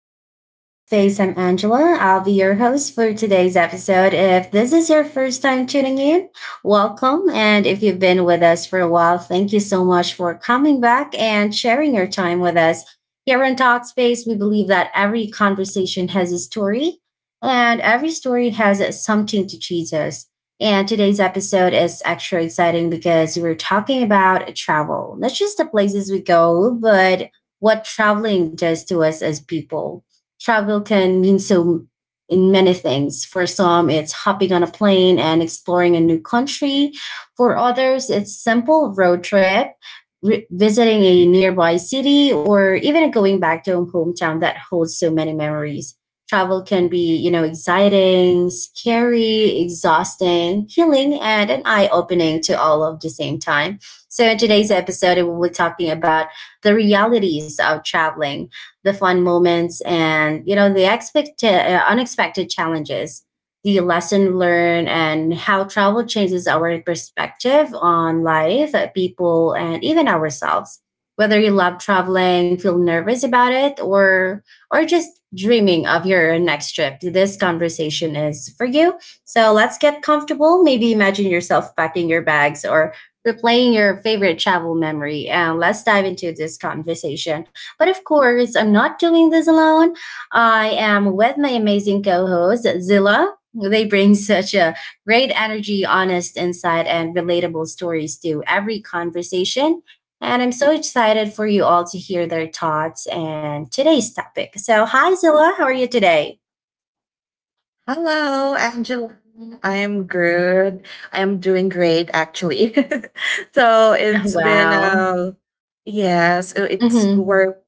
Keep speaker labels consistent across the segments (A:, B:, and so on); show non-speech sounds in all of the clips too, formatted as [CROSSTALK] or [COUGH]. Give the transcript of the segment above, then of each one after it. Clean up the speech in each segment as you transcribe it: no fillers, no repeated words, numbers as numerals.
A: to Talkspace. I'm Angela. I'll be your host for today's episode. If this is your first time tuning in, welcome. And if you've been with us for a while, thank you so much for coming back and sharing your time with us. Here on Talkspace, we believe that every conversation has a story, and every story has something to teach us. And today's episode is extra exciting because we're talking about travel, not just the places we go, but what traveling does to us as people. Travel can mean so in many things. For some, it's hopping on a plane and exploring a new country. For others, it's simple road trip, visiting a nearby city, or even going back to a hometown that holds so many memories. Travel can be, you know, exciting, scary, exhausting, healing, and an eye opening to all of the same time. So, in today's episode, we will be talking about the realities of traveling, the fun moments, and you know the expect unexpected challenges, the lesson learned, and how travel changes our perspective on life, people, and even ourselves. Whether you love traveling, feel nervous about it, or just dreaming of your next trip, this conversation is for you. So let's get comfortable. Maybe imagine yourself packing your bags or replaying your favorite travel memory, and let's dive into this conversation. But of course, I'm not doing this alone. I am with my amazing co host, Zilla. They bring such a great energy, honest insight, and relatable stories to every conversation. And I'm so excited for you all to hear their thoughts and today's topic. So, hi, Zilla. How are you today?
B: Hello, Angela. I am good. I am doing great, actually. [LAUGHS] so
A: [LAUGHS]
B: it's been
A: Wow.
B: a yeah. So it's
A: hmm
B: work.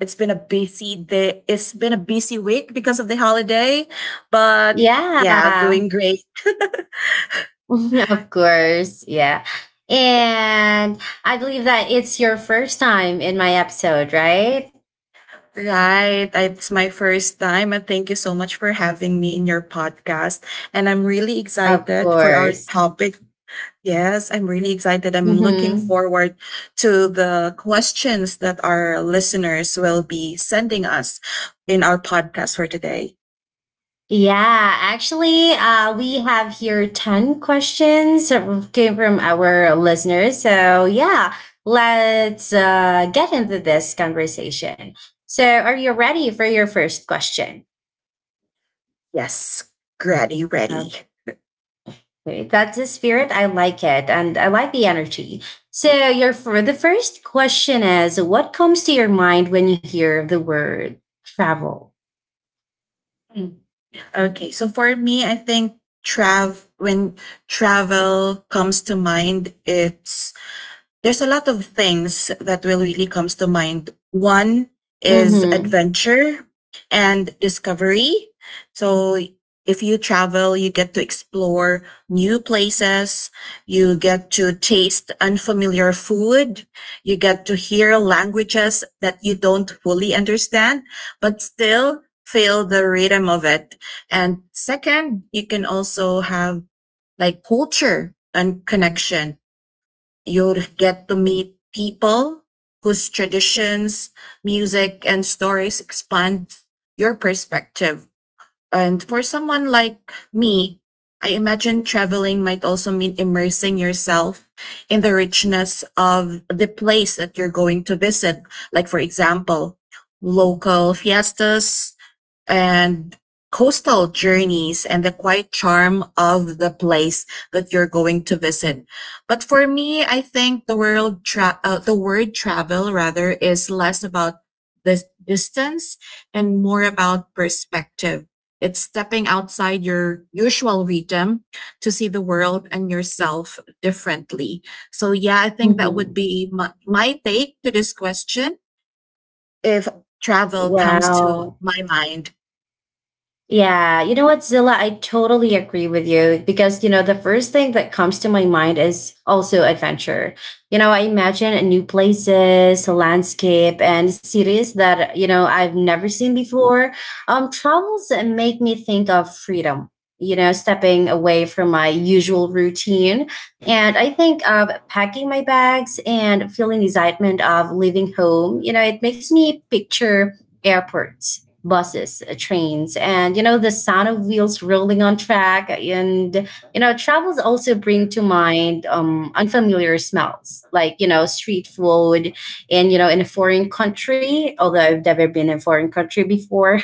B: It's been a busy day. It's been a busy week because of the holiday, but yeah,
A: Yeah.
B: doing great.
A: [LAUGHS] Of course, yeah. And I believe that it's your first time in my episode, right?
B: Right. It's my first time, and thank you so much for having me in your podcast. And I'm really
A: Of
B: excited for our
A: course.
B: topic. Yes, I'm really excited. I'm looking
A: hmm
B: forward to the questions that our listeners will be sending us in our podcast for today.
A: Yeah, actually, we have here ten questions that came from our listeners. So, yeah, let's get into this conversation. So, are you ready for your first question?
B: Yes, ready.
A: Great. That's the spirit. I like it. And I like the energy. So your for the first question is, what comes to your mind when you hear the word travel?
B: Mm. Okay, so for me, I think trav when travel comes to mind, it's there's a lot of things that will really comes to mind. One is
A: Mm-hmm.
B: adventure and discovery. So if you travel, you get to explore new places, you get to taste unfamiliar food, you get to hear languages that you don't fully understand, but still feel the rhythm of it. And second, you can also have like culture and connection. You'll get to meet people whose traditions, music, and stories expand your perspective. And for someone like me, I imagine traveling might also mean immersing yourself in the richness of the place that you're going to visit. Like, for example, local fiestas, and coastal journeys and the quiet charm of the place that you're going to visit. But for me, I think the the word travel rather is less about the distance and more about perspective. It's stepping outside your usual rhythm to see the world and yourself differently. So yeah, I think that would
A: Mm-hmm.
B: be my take to this question if travel comes to
A: Wow.
B: my mind.
A: Yeah, you know what, Zilla, I totally agree with you because, you know, the first thing that comes to my mind is also adventure. You know, I imagine new places, landscape, and cities that, you know, I've never seen before. Travels make me think of freedom, you know, stepping away from my usual routine. And I think of packing my bags and feeling the excitement of leaving home. You know, it makes me picture airports, buses, trains, and you know the sound of wheels rolling on track. And you know travels also bring to mind unfamiliar smells like you know street food, and you know in a foreign country. Although I've never been in a foreign country before,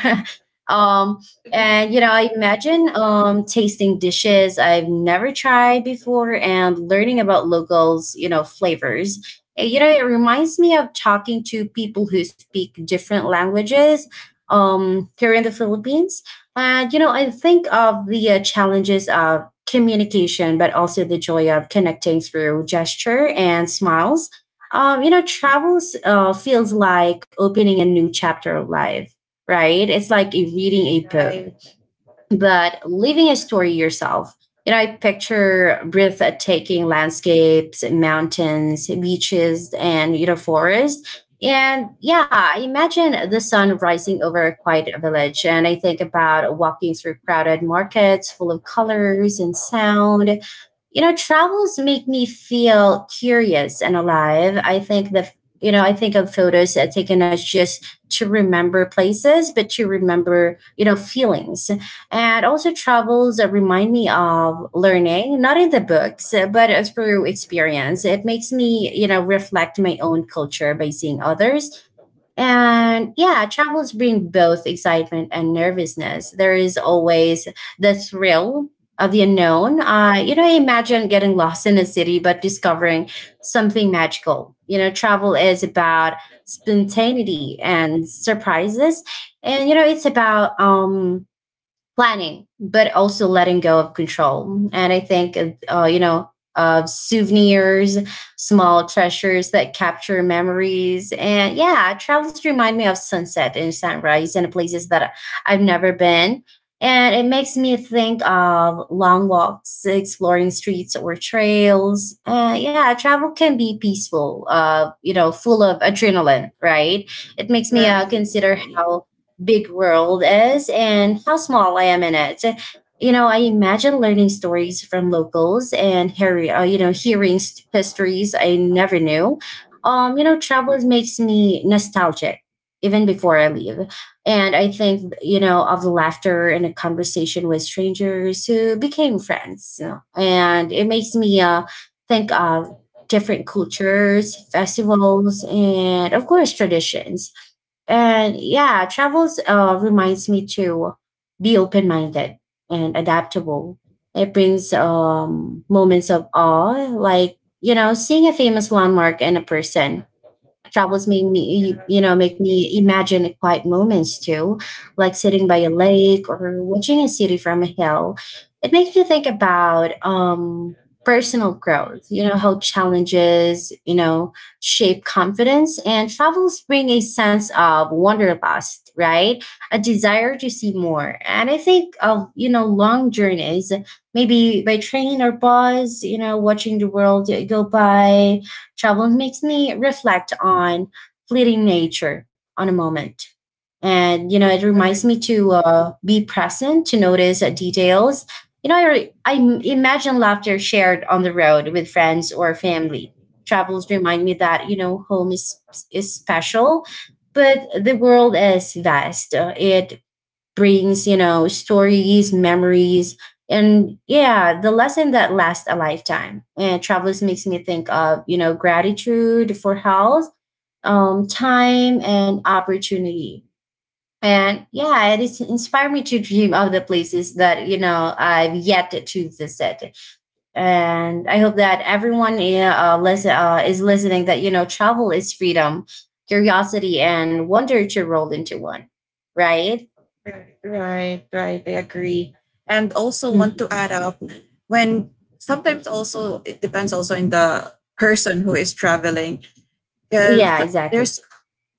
A: um, and you know, I imagine tasting dishes I've never tried before and learning about locals, you know, flavors. You know, it reminds me of talking to people who speak different languages here in the Philippines. And you know, I think of the challenges of communication, but also the joy of connecting through gesture and smiles. You know, travels feels like opening a new chapter of life, right? It's like reading a book but living a story yourself. You know, I picture breathtaking landscapes, mountains, beaches, and you know, forest. And yeah, I imagine the sun rising over a quiet village. And I think about walking through crowded markets full of colors and sound. You know, travels make me feel curious and alive. I think that, you know, I think of photos taken as just to remember places, but to remember, you know, feelings, and also travels that remind me of learning, not in the books, but through experience. It makes me, you know, reflect my own culture by seeing others. And yeah, travels bring both excitement and nervousness. There is always the thrill of the unknown. You know, I imagine getting lost in a city, but discovering something magical. You know, travel is about spontaneity and surprises. And, you know, it's about, planning, but also letting go of control. And I think, you know, of souvenirs, small treasures that capture memories. And yeah, travels remind me of sunset and sunrise and places that I've never been. And it makes me think of long walks, exploring streets or trails. Yeah, travel can be peaceful, you know, full of adrenaline, right? It makes me
B: Right.
A: consider how big world is and how small I am in it. You know, I imagine learning stories from locals and hearing, you know, histories I never knew. You know, travel makes me nostalgic even before I leave. And I think, you know, of the laughter and a conversation with strangers who became friends. And it makes me think of different cultures, festivals, and of course, traditions. And yeah, travels reminds me to be open minded and adaptable. It brings moments of awe, like, you know, seeing a famous landmark and a person. Travels make me, you know, make me imagine quiet moments too, like sitting by a lake or watching a city from a hill. It makes me think about personal growth, you know, how challenges, you know, shape confidence. And travels bring a sense of wanderlust, right, a desire to see more. And I think of, you know, long journeys, maybe by train or bus, you know, watching the world go by. Travel makes me reflect on fleeting nature on a moment. And, you know, it reminds me to be present, to notice details. You know, I imagine laughter shared on the road with friends or family. Travels remind me that, you know, is special, but the world is vast. It brings, you know, stories, memories, and yeah, the lesson that lasts a lifetime. And Travelers makes me think of, you know, gratitude for health, time, and opportunity. And yeah, it is inspired me to dream of the places that, you know, I've yet to visit. And I hope that everyone, yeah, is listening, that you know travel is freedom, curiosity, and wonder to roll into one, right?
B: Right. I agree. And also want to add up, when sometimes also it depends also in the person who is traveling,
A: Yeah,
B: because
A: exactly.
B: there's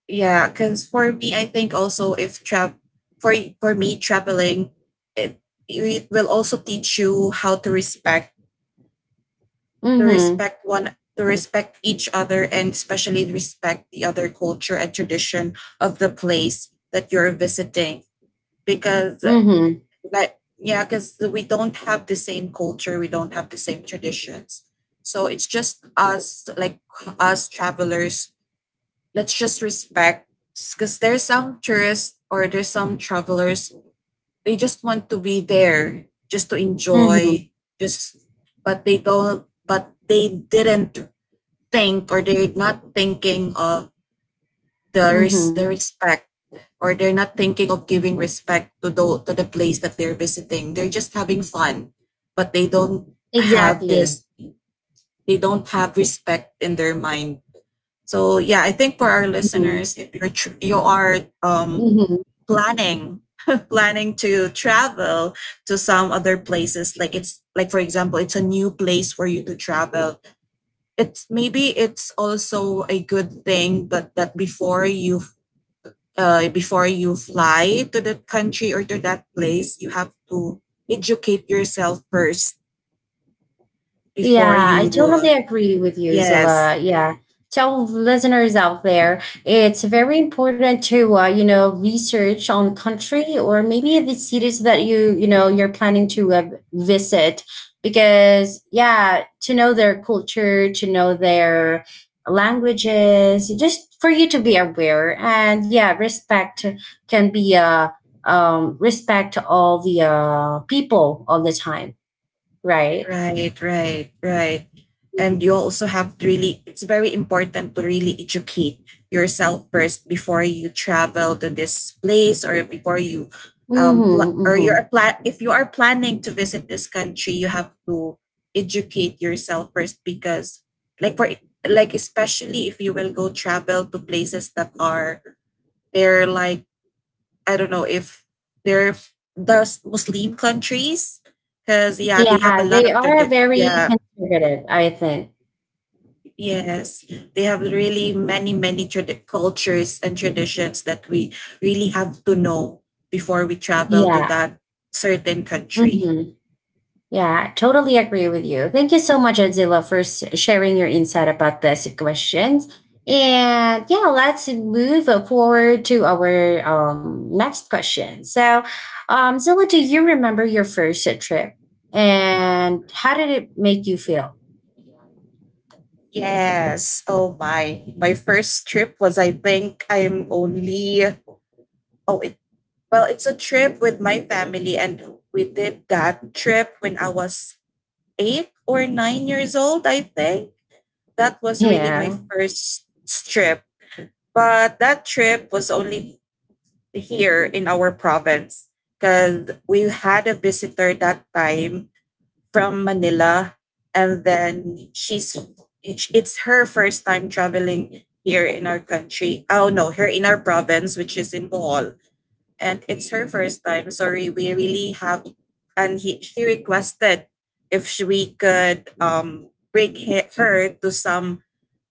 B: yeah because for me I think also if trap for for me traveling, it it will also teach you how to
A: Mhm.
B: respect one to respect each other and especially respect the other culture and tradition of the place that you're visiting. Because
A: Mhm.
B: like, yeah, because we don't have the same culture, we don't have the same traditions. So it's just us, like us travelers, let's just respect. Because there's some tourists or there's some travelers, they just want to be there, just to
A: Mhm.
B: enjoy, just, but they didn't think or they're not thinking of the, res-
A: Mhm.
B: the respect, or they're not thinking of giving respect to the place that they're visiting. They're just having fun, but they don't have
A: Exactly.
B: this. They don't have respect in their mind. So yeah, I think for our
A: Mhm.
B: listeners, if you're tr- you are
A: Mhm.
B: planning [LAUGHS] planning to travel to some other places, like it's like for example, it's a new place for you to travel. It's maybe it's also a good thing, but that before you fly to that country or to that place, you have to educate yourself first before
A: Yeah, I
B: you.
A: totally agree with you, Zilla.
B: Yes.
A: Yeah. Tell listeners out there, it's very important to, you know, research on the country or maybe the cities that you know, you're planning to visit, because, yeah, to know their culture, to know their languages, just for you to be aware. And yeah, respect can be, respect all the people all the time, right?
B: Right. And you also have to really, it's very important to really educate yourself first before you travel to this place, or before you,
A: Mhm,
B: pl- or you're
A: mhm.
B: plan, if you are planning to visit this country, you have to educate yourself first. Because, like, for, especially if you will go travel to places that they're like, I don't know if they're the Muslim countries, because yeah, they have a
A: Yeah,
B: lot
A: they
B: of
A: are very conservative, I think.
B: yes, they have really many cultures and traditions that we really have to know before we travel to
A: Yeah.
B: that certain country.
A: Mhm. Yeah, totally agree with you. Thank you so much, Adzila, for sharing your insight about these questions. And yeah, let's move forward to our next question. So, Zilla, do you remember your first trip? And how did it make you feel?
B: Yes. Oh my. My first trip was I think I'm only oh it well, it's a trip with my family and we did that trip when I was 8 or 9 years old, I think. That was really my
A: Yeah.
B: first trip. But that trip was only here in our province because we had a visitor that time from Manila, and then she's it's her first time traveling here in our country. Oh no, here in our province, which is in Bohol, and it's her first time. Sorry, we really have, and she requested if we could bring her to some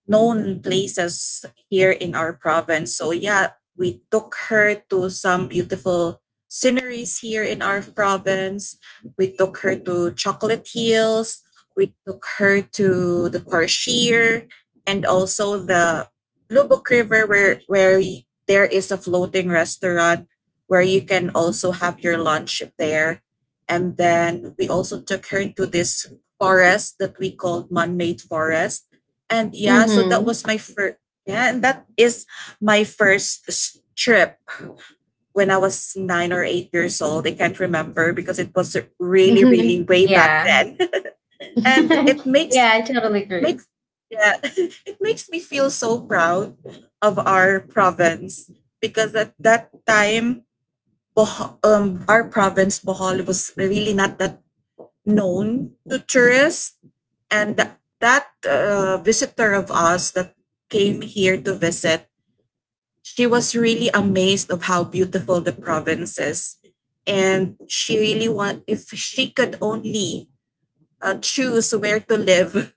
B: known places here in our province. So yeah, we took her to some beautiful sceneries here in our province. We took her to Chocolate Hills. We took her to the Tarshir and also the Lubok River, where there is a floating restaurant where you can also have your lunch there. And then we also took her to this forest that we called Man-made Forest. And yeah, so that
A: Mm-hmm.
B: was my first. Yeah, and that is my first trip when I was 9 or 8 years old. I can't remember because it was really, really way
A: [LAUGHS]
B: back
A: Yeah.
B: then. [LAUGHS] and it
A: [LAUGHS]
B: makes
A: Yeah, I totally agree.
B: makes yeah, [LAUGHS] it makes me feel so proud of our province because at that time, our province Bohol was really not that known to tourists, and that visitor of us that came here to visit, she was really amazed of how beautiful the province is, and she really want if she could only choose where to live,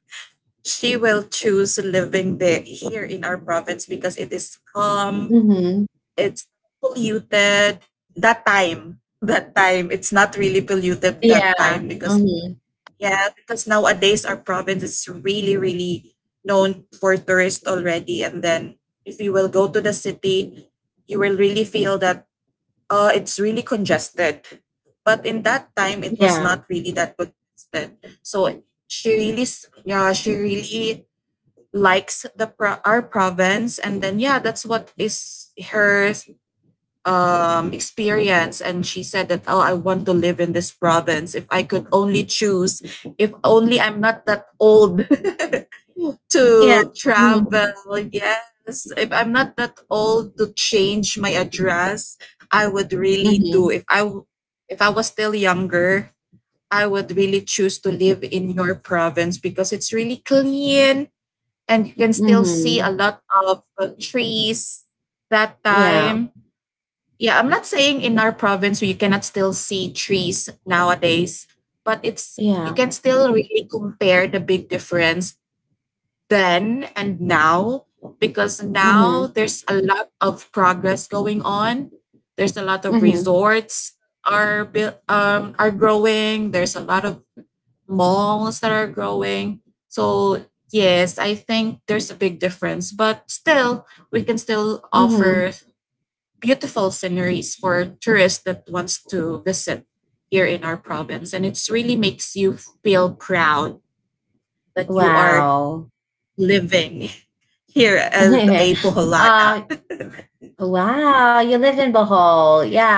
B: she will choose living there here in our province because it is calm.
A: Mhm.
B: It's polluted that time it's not really polluted that
A: Yeah.
B: time. Because
A: Mhm.
B: yeah, because nowadays our province is really, really known for tourists already. And then if you will go to the city, you will really feel that it's really congested. But in that time it was
A: Yeah.
B: not really that congested. So yeah, she really likes our province, and then yeah, that's what is her experience. And she said that, oh, I want to live in this province if I could only choose. If only I'm not that old [LAUGHS]
A: Yeah.
B: to
A: Mhm.
B: travel, yes, if I'm not that old to change my address, I would really do
A: Mhm.
B: if if I was still younger, I would really choose to live in your province because it's really clean, and you can still see a
A: Mhm.
B: lot of trees that
A: Yeah.
B: time. Yeah, I'm not saying in our province you cannot still see trees nowadays, but it's you
A: Yeah.
B: can still really compare the big difference then and now, because now
A: Mhm.
B: there's a lot of progress going on. There's a lot of
A: Mhm.
B: resorts are built, are growing. There's a lot of malls that are growing. So yes, I think there's a big difference, but still we can still offer
A: Mhm.
B: beautiful sceneries for tourists that wants to visit here in our province, and it's really makes you feel proud that you are
A: Wow.
B: living here as a
A: [LAUGHS]
B: Boholana.
A: Uh, Wow, you lived in Bohol. Yeah,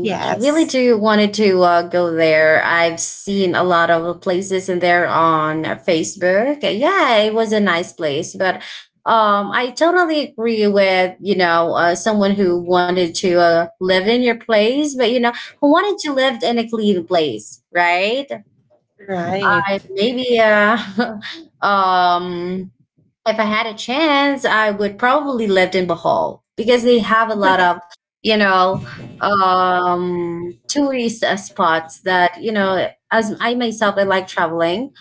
B: [LAUGHS]
A: really
B: Yes.
A: do wanted to go there. I've seen a lot of places in there on Facebook. Yeah, it was a nice place, but I totally agree with you know someone who wanted to live in your place, but you know who wanted to live in a clean place, right? I
B: Right.
A: maybe [LAUGHS] um if I had a chance, I would probably live in Bohol because they have a lot of, you know, tourist spots. That, you know, as I myself, I like traveling,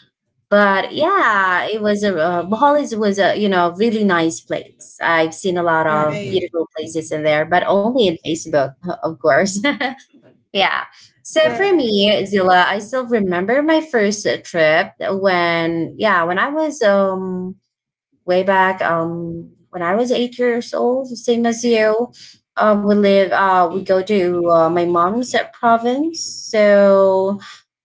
A: but yeah, it was a Bohol was a you know really nice place. I've seen a lot of
B: Right.
A: beautiful places in there but only in Facebook, [LAUGHS] of course. [LAUGHS] Yeah. So
B: Yeah.
A: for me, Zilla, I still remember my first trip when, yeah, when I was way back, when I was 8 years old, same as you. We go to my mom's province. So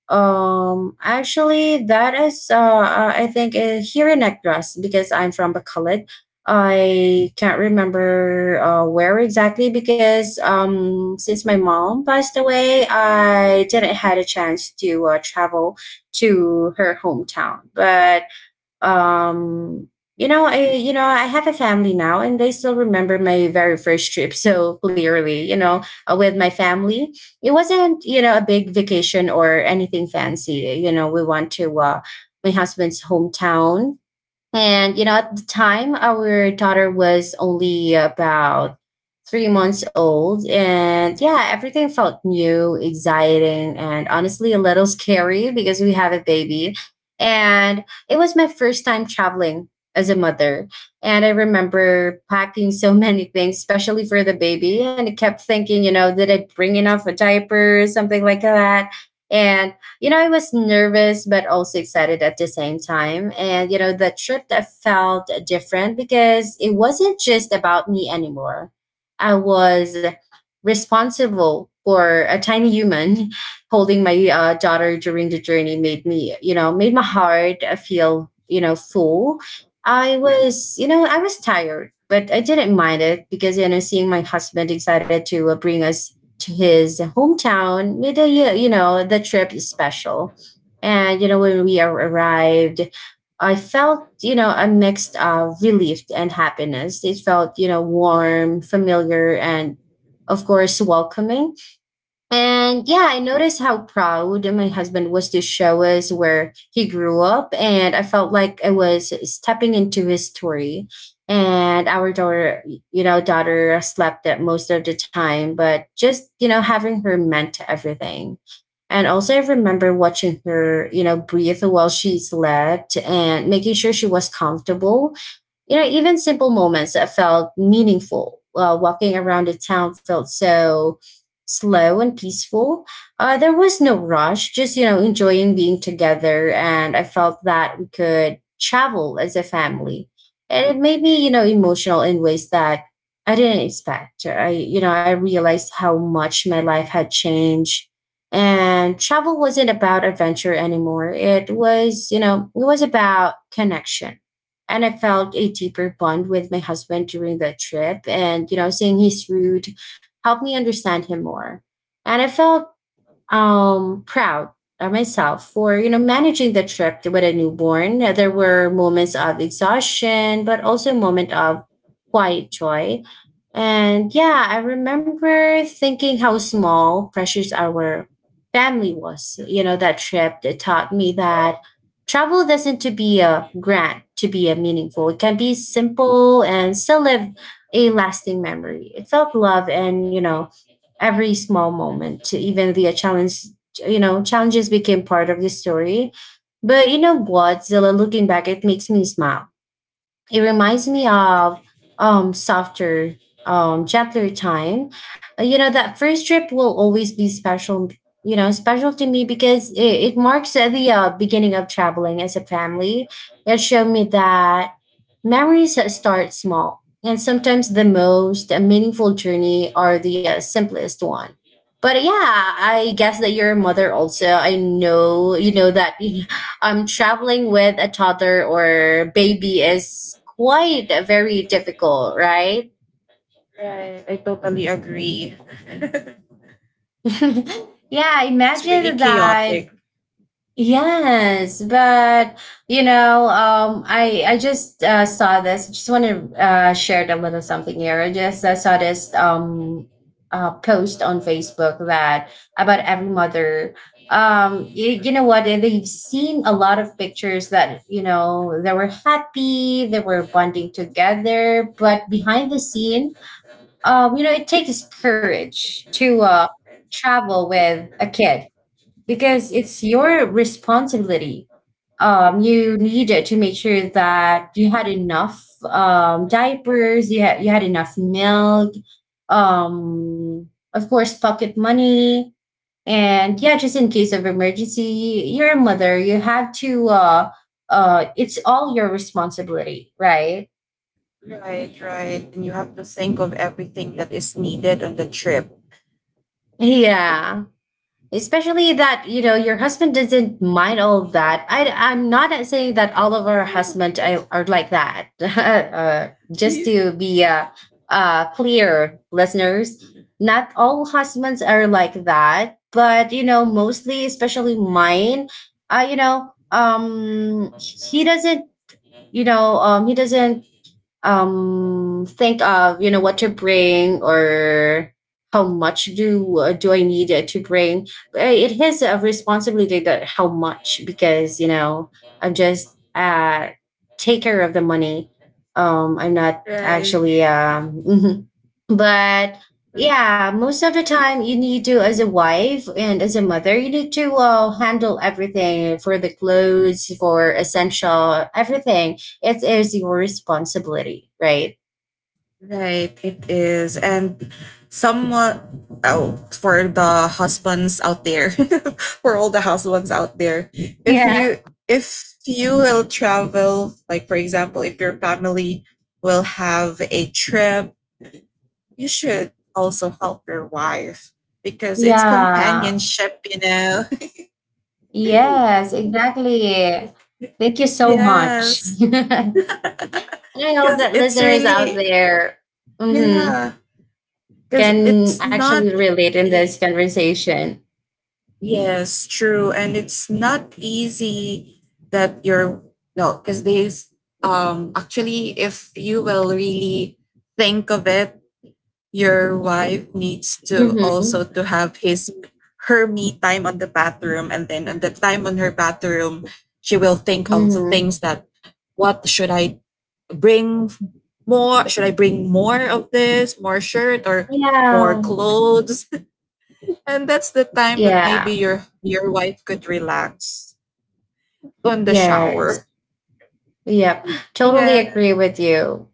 A: actually that is I think here in Negros because I'm from Bacolod. I can't remember where exactly, because since my mom passed away, I didn't had a chance to travel to her hometown. But um I have a family now, and they still remember my very first trip so clearly, with my family. It wasn't, a big vacation or anything fancy. We went to my husband's hometown, and, you know, at the time, our daughter was only about 3 months old. And yeah, everything felt new, exciting, and honestly a little scary because we have a baby. And it was my first time traveling as a mother. And I remember packing so [LAUGHS] many things, especially for the baby. And I kept thinking, did I bring enough a diaper, something like that? And I was nervous but also excited at the same time. And, the trip that felt different because it wasn't just about me anymore. I was responsible for a tiny human [LAUGHS] holding my daughter during the journey, made me, made my heart feel, full. I was tired, but I didn't mind it because, seeing my husband excited to bring us to his hometown. With the, you know, the trip is special. And, when we arrived, I felt, a mix of relief and happiness. It felt, warm, familiar, and of course, welcoming. And yeah, I noticed how proud my husband was to show us where he grew up. And I felt like I was stepping into his story. And our daughter slept at most of the time, but just, having her meant everything. And also, I remember watching her, breathe while she slept, and making sure she was comfortable, even simple moments that felt meaningful. Walking around the town felt so slow and peaceful. There was no rush, just, enjoying being together. And I felt that we could travel as a family. And it made me, emotional in ways that I didn't expect. I realized how much my life had changed. And travel wasn't about adventure anymore. It was about connection, and I felt a deeper bond with my husband during the trip. And, seeing his route helped me understand him more. And I felt proud of myself for managing the trip with a newborn. There were moments of exhaustion, but also a moment of quiet joy. And yeah, I remember thinking how small precious our family was. That trip, it taught me that travel doesn't to be a grant to be a meaningful. It can be simple and still live a lasting memory. It felt love, and every small moment, even the challenges became part of the story. But what, Zilla, looking back, it makes me smile. It reminds me of softer, gentler time. That first trip will always be special, special to me, because it marks the beginning of traveling as a family. It showed me that memories that start small, and sometimes the most meaningful journey are the simplest one. But yeah, I guess that your mother also, I know that. [LAUGHS] Traveling with a toddler or baby is quite very difficult, right? [LAUGHS] Yeah,
B: It's really
A: imagine that.
B: chaotic.
A: Yes, but I just saw this. Just want to share a little something here. I just saw this post on Facebook, that about every mother. You know what? And They've seen a lot of pictures that they were happy, they were bonding together, but behind the scene, it takes courage to travel with a kid, because it's your responsibility. You needed to make sure that you had enough diapers, you had enough milk, um, of course, pocket money, and yeah, just in case of emergency, you're a mother. You have to. It's all your responsibility, right?
B: Right. And you have to think of everything that is needed on the trip.
A: Yeah. Especially that, your husband doesn't mind all of that. I'm not saying that all of our husbands are like that. [LAUGHS] Just to
B: [LAUGHS]
A: be clear, listeners, not all husbands are like that. But, mostly, especially mine, uh, you know, um, he doesn't, he doesn't think of what to bring, or how much do I need to bring. It is a responsibility that how much, because I'm just take care of the money. I'm not
B: Right.
A: actually [LAUGHS] but yeah, most of the time you need to, as a wife and as a mother, you need to handle everything, for the clothes, for essential, everything. It is your responsibility, right?
B: Right, it is. And somewhat, oh, for the husbands out there, [LAUGHS] for all the husbands out there, if
A: Yeah.
B: you if you will travel, like for example, if your family will have a trip, you should also help your wife because it's
A: Yeah.
B: companionship, you know. [LAUGHS]
A: Yes, exactly. Thank you so much.
B: Yes. [LAUGHS]
A: [LAUGHS] And I hope
B: Because
A: that
B: it's
A: listeners out
B: really,
A: there, mhm,
B: yeah, because
A: can
B: it's
A: actually
B: not
A: relate in this
B: really.
A: conversation.
B: Yes, true. And it's not easy that you're no, because these actually if you will really think of it, your wife needs to
A: Mm-hmm.
B: also to have his her me time on the bathroom, and then on the time on her bathroom she will think of the
A: Mm-hmm.
B: things that what should I bring more? Should I bring more of this, more shirt or more
A: Yeah.
B: clothes? And that's the time that maybe
A: Yeah.
B: your wife could relax on the
A: Yes.
B: shower.
A: Yep. Totally
B: Yeah.
A: agree with you.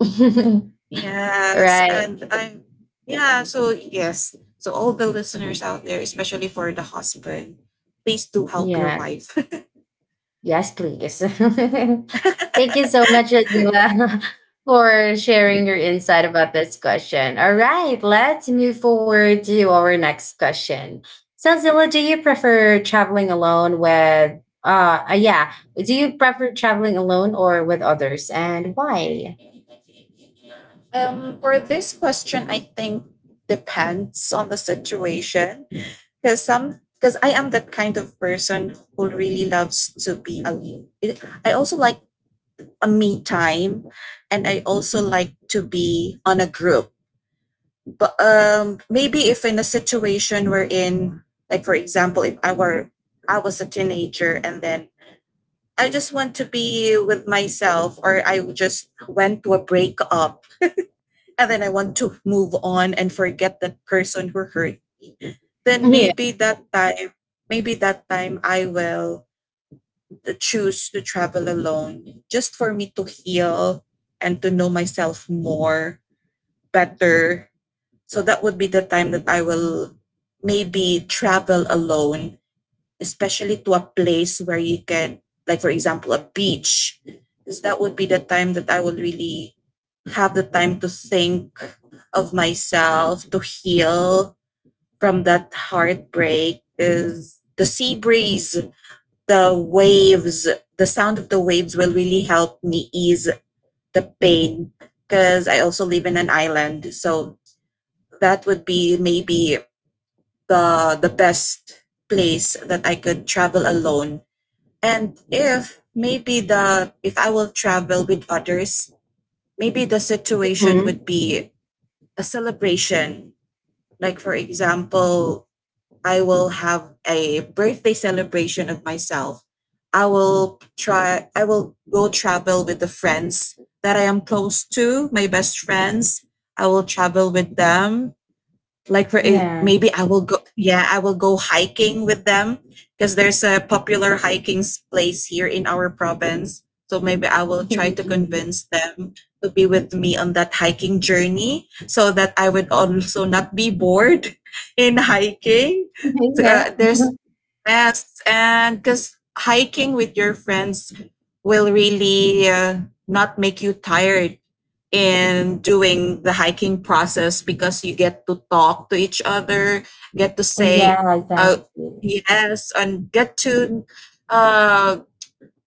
A: [LAUGHS]
B: Yes.
A: Right.
B: And I yeah, so yes. So all the listeners out there, especially for the husband, please do help your
A: Yeah.
B: wife. [LAUGHS]
A: Yes, please. [LAUGHS] Thank you so much, Azila, [LAUGHS] for sharing your insight about this question. All right, let's move forward to our next question. So, Zilla, do you prefer traveling alone with, yeah, do you prefer traveling alone or with others, and why?
B: For this question, I think depends on the situation. Because I am the kind of person who really loves to be alone. I also like a me time, and I also like to be on a group. But maybe if in a situation we're in, like for example, if I was a teenager and then I just want to be with myself, or I just went to a breakup and then I want to move on and forget that person who hurt me, then
A: Yeah.
B: maybe that time I will to choose to travel alone just for me to heal and to know myself more better. So that would be the time that I will maybe travel alone, especially to a place where you can, like, for example, a beach, because that would be the time that I will really have the time to think of myself, to heal from that heartbreak. Is the sea breeze, the waves, the sound of the waves will really help me ease the pain, because I also live in an island. So that would be maybe the best place that I could travel alone. And if maybe the if I will travel with others, maybe the situation would
A: Mhm.
B: be a celebration. Like for example, I will have a birthday celebration of myself. I will go travel with the friends that I am close to, my best friends. I will travel with them like
A: Yeah.
B: maybe I will go, I will go hiking with them because there's a popular place here in our province, so maybe I will try to
A: [LAUGHS]
B: convince them to be with me on that hiking journey so that I would also not be bored [LAUGHS] in hiking. So,
A: Yeah. [LAUGHS]
B: there's yes and because hiking with your friends will really not make you tired in doing the hiking process, because you get to talk to each other, get to say
A: Yeah,
B: uh,
A: exactly.
B: yes, and uh,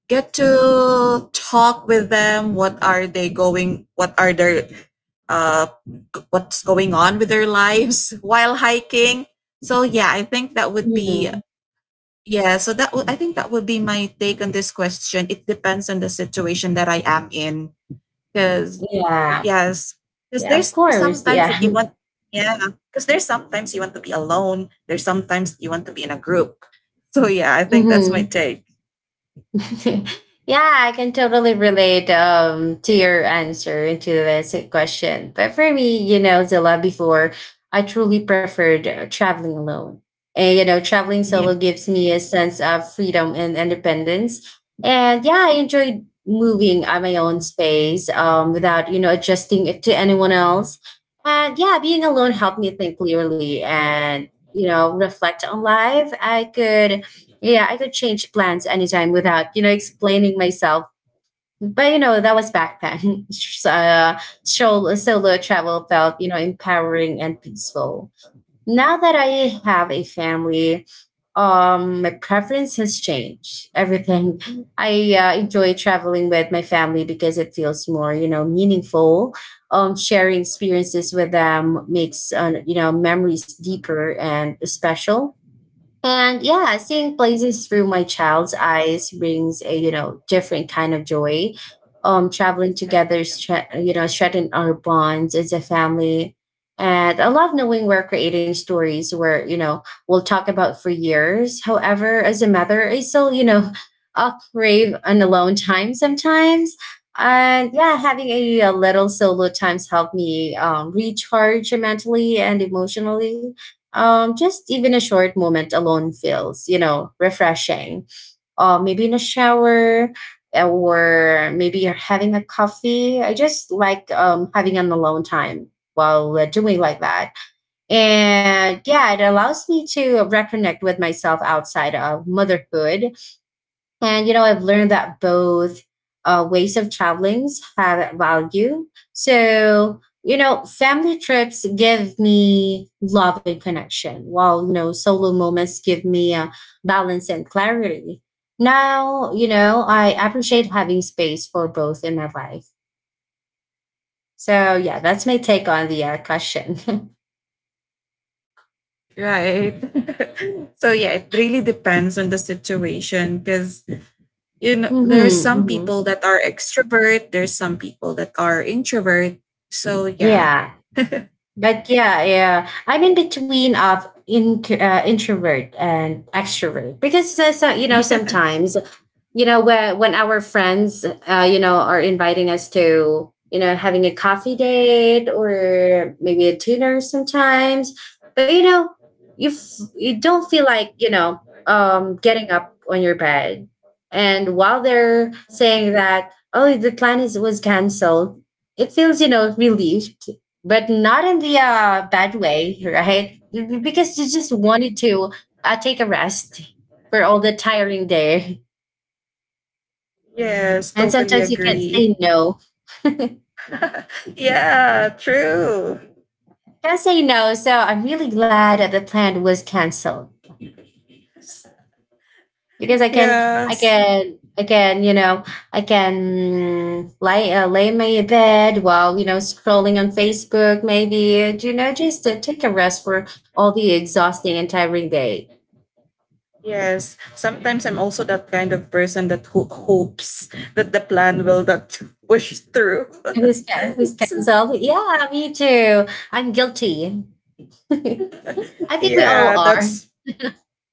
B: get to talk with them. What are they going? What are their uh, what's going on with their lives [LAUGHS] while hiking? So yeah, I think that would be
A: Mhm.
B: yeah. So that would I think that would be my take on this question. It depends on the situation that I am in because
A: Yeah.
B: yes, because
A: Yeah, of
B: there's
A: course.
B: sometimes
A: Yeah.
B: that you
A: [LAUGHS]
B: want, yeah, because there's sometimes you want to be alone. There's sometimes you want to be in a group. So yeah, I think that's my
A: Mhm.
B: take.
A: [LAUGHS] yeah, I can totally relate to your answer and to this question. But for me, Zilla, before I truly preferred traveling alone. And, traveling solo
B: Yeah,
A: gives me a sense of freedom and independence. And yeah, I enjoyed moving at my own space, without, adjusting it to anyone else. And yeah, being alone helped me think clearly and, reflect on life. I could change plans anytime without, explaining myself. But that was back then. [LAUGHS] So, solo travel felt, empowering and peaceful. Now that I have a family, my preference has changed. Everything [LAUGHS] I enjoy traveling with my family, because it feels more, meaningful. Sharing experiences with them makes, memories deeper and special, and yeah, seeing places through my child's eyes brings a different kind of joy. Traveling together, strengthen our bonds as a family. And I love knowing we're creating stories where we'll talk about for years. However, as a mother, I still [LAUGHS] crave an alone time sometimes. And yeah, having a little solo times help me recharge mentally and emotionally, just even a short moment alone feels, refreshing. Maybe in a shower, or maybe you're having a coffee. I just like having an alone time while doing like that. And yeah, it allows me to reconnect with myself outside of motherhood, and I've learned that both ways of traveling have value. So, family trips give me love and connection, while, solo moments give me balance and clarity. Now, I appreciate having space for both in my life. So, yeah, that's my take on the question. [LAUGHS]
B: right. [LAUGHS] So yeah, it really depends on the situation because you know there are
A: Hmm.
B: some
A: Hmm.
B: people that are extrovert, there's some people that are introvert. So yeah.
A: Yeah. But yeah, yeah, I'm in between of in, introvert and extrovert, because so,
B: [LAUGHS]
A: sometimes, when our friends are inviting us to, having a coffee date or maybe a dinner sometimes. But you don't feel like, getting up on your bed. And while they're saying that, oh, the plan is was canceled, it feels, relieved, but not in the bad way, right? Because you just wanted to take a rest for all the tiring day.
B: Yeah. Yes,
A: And
B: totally
A: sometimes you can't
B: agree.
A: say no. [LAUGHS] Can't
B: [LAUGHS] Yeah, true.
A: say no. So I'm really glad that the plan was canceled, because I can, I
B: Yes.
A: can, I can, you know, I can lay in my bed, while scrolling on Facebook, maybe, and, just to take a rest for all the exhausting and tiring day.
B: Yes, sometimes I'm also that kind of person that hopes that the plan will not push through.
A: [LAUGHS] It
B: [LAUGHS]
A: was it was
B: So,
A: canceled. Yeah, me too. I'm guilty. [LAUGHS] I think we all
B: yeah,
A: are.
B: that's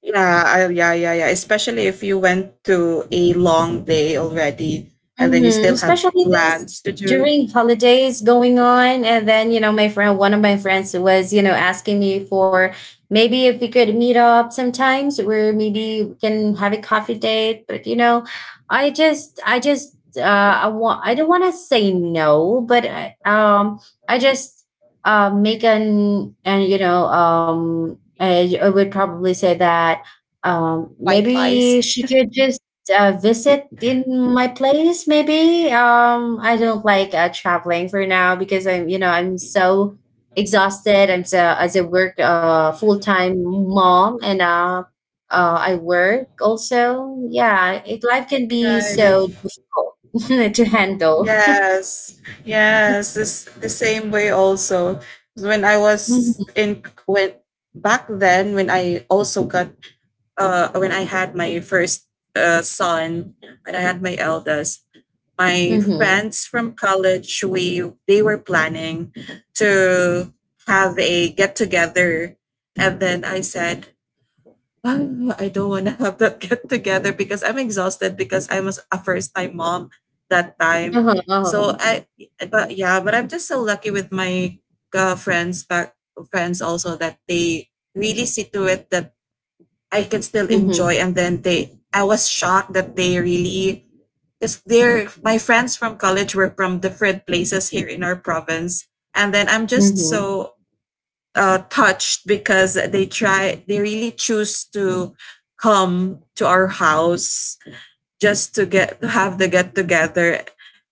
B: yeah, I, yeah, yeah, yeah. Especially if you went to a long day already, and then you
A: Mm-hmm.
B: still have
A: Especially this
B: plans to do.
A: during holidays going on. And then, my friend, one of my friends was, asking me for maybe if we could meet up sometimes where maybe we can have a coffee date. But, I don't want to say no, but I just, I would probably say that,
B: White
A: maybe
B: lies.
A: she could just visit in my place maybe. I don't like traveling for now because I'm you know I'm so exhausted. I'm so, as a work, full-time mom, and I work also. Yeah, life can be
B: Right.
A: so difficult [LAUGHS] to handle.
B: Yes. Yes. This the same way also. When I was
A: Hmm.
B: in when back then when I also got when I had my first son, when I had my eldest, my
A: Hmm.
B: friends from college, we they were planning to have a get together, and then I said, "Oh, I don't want to have that get together because I'm exhausted, because I was a first time mom that time."
A: Uh-huh, uh-huh.
B: So I, but yeah, but I'm just so lucky with my uh, friends back friends also that they really see to it that I can still enjoy.
A: Hmm.
B: And then I was shocked that they really, because they're my friends from college were from different places here in our province, and then I'm just
A: Hmm.
B: so touched because they really choose to come to our house just to get to have the get
A: Hmm.
B: together,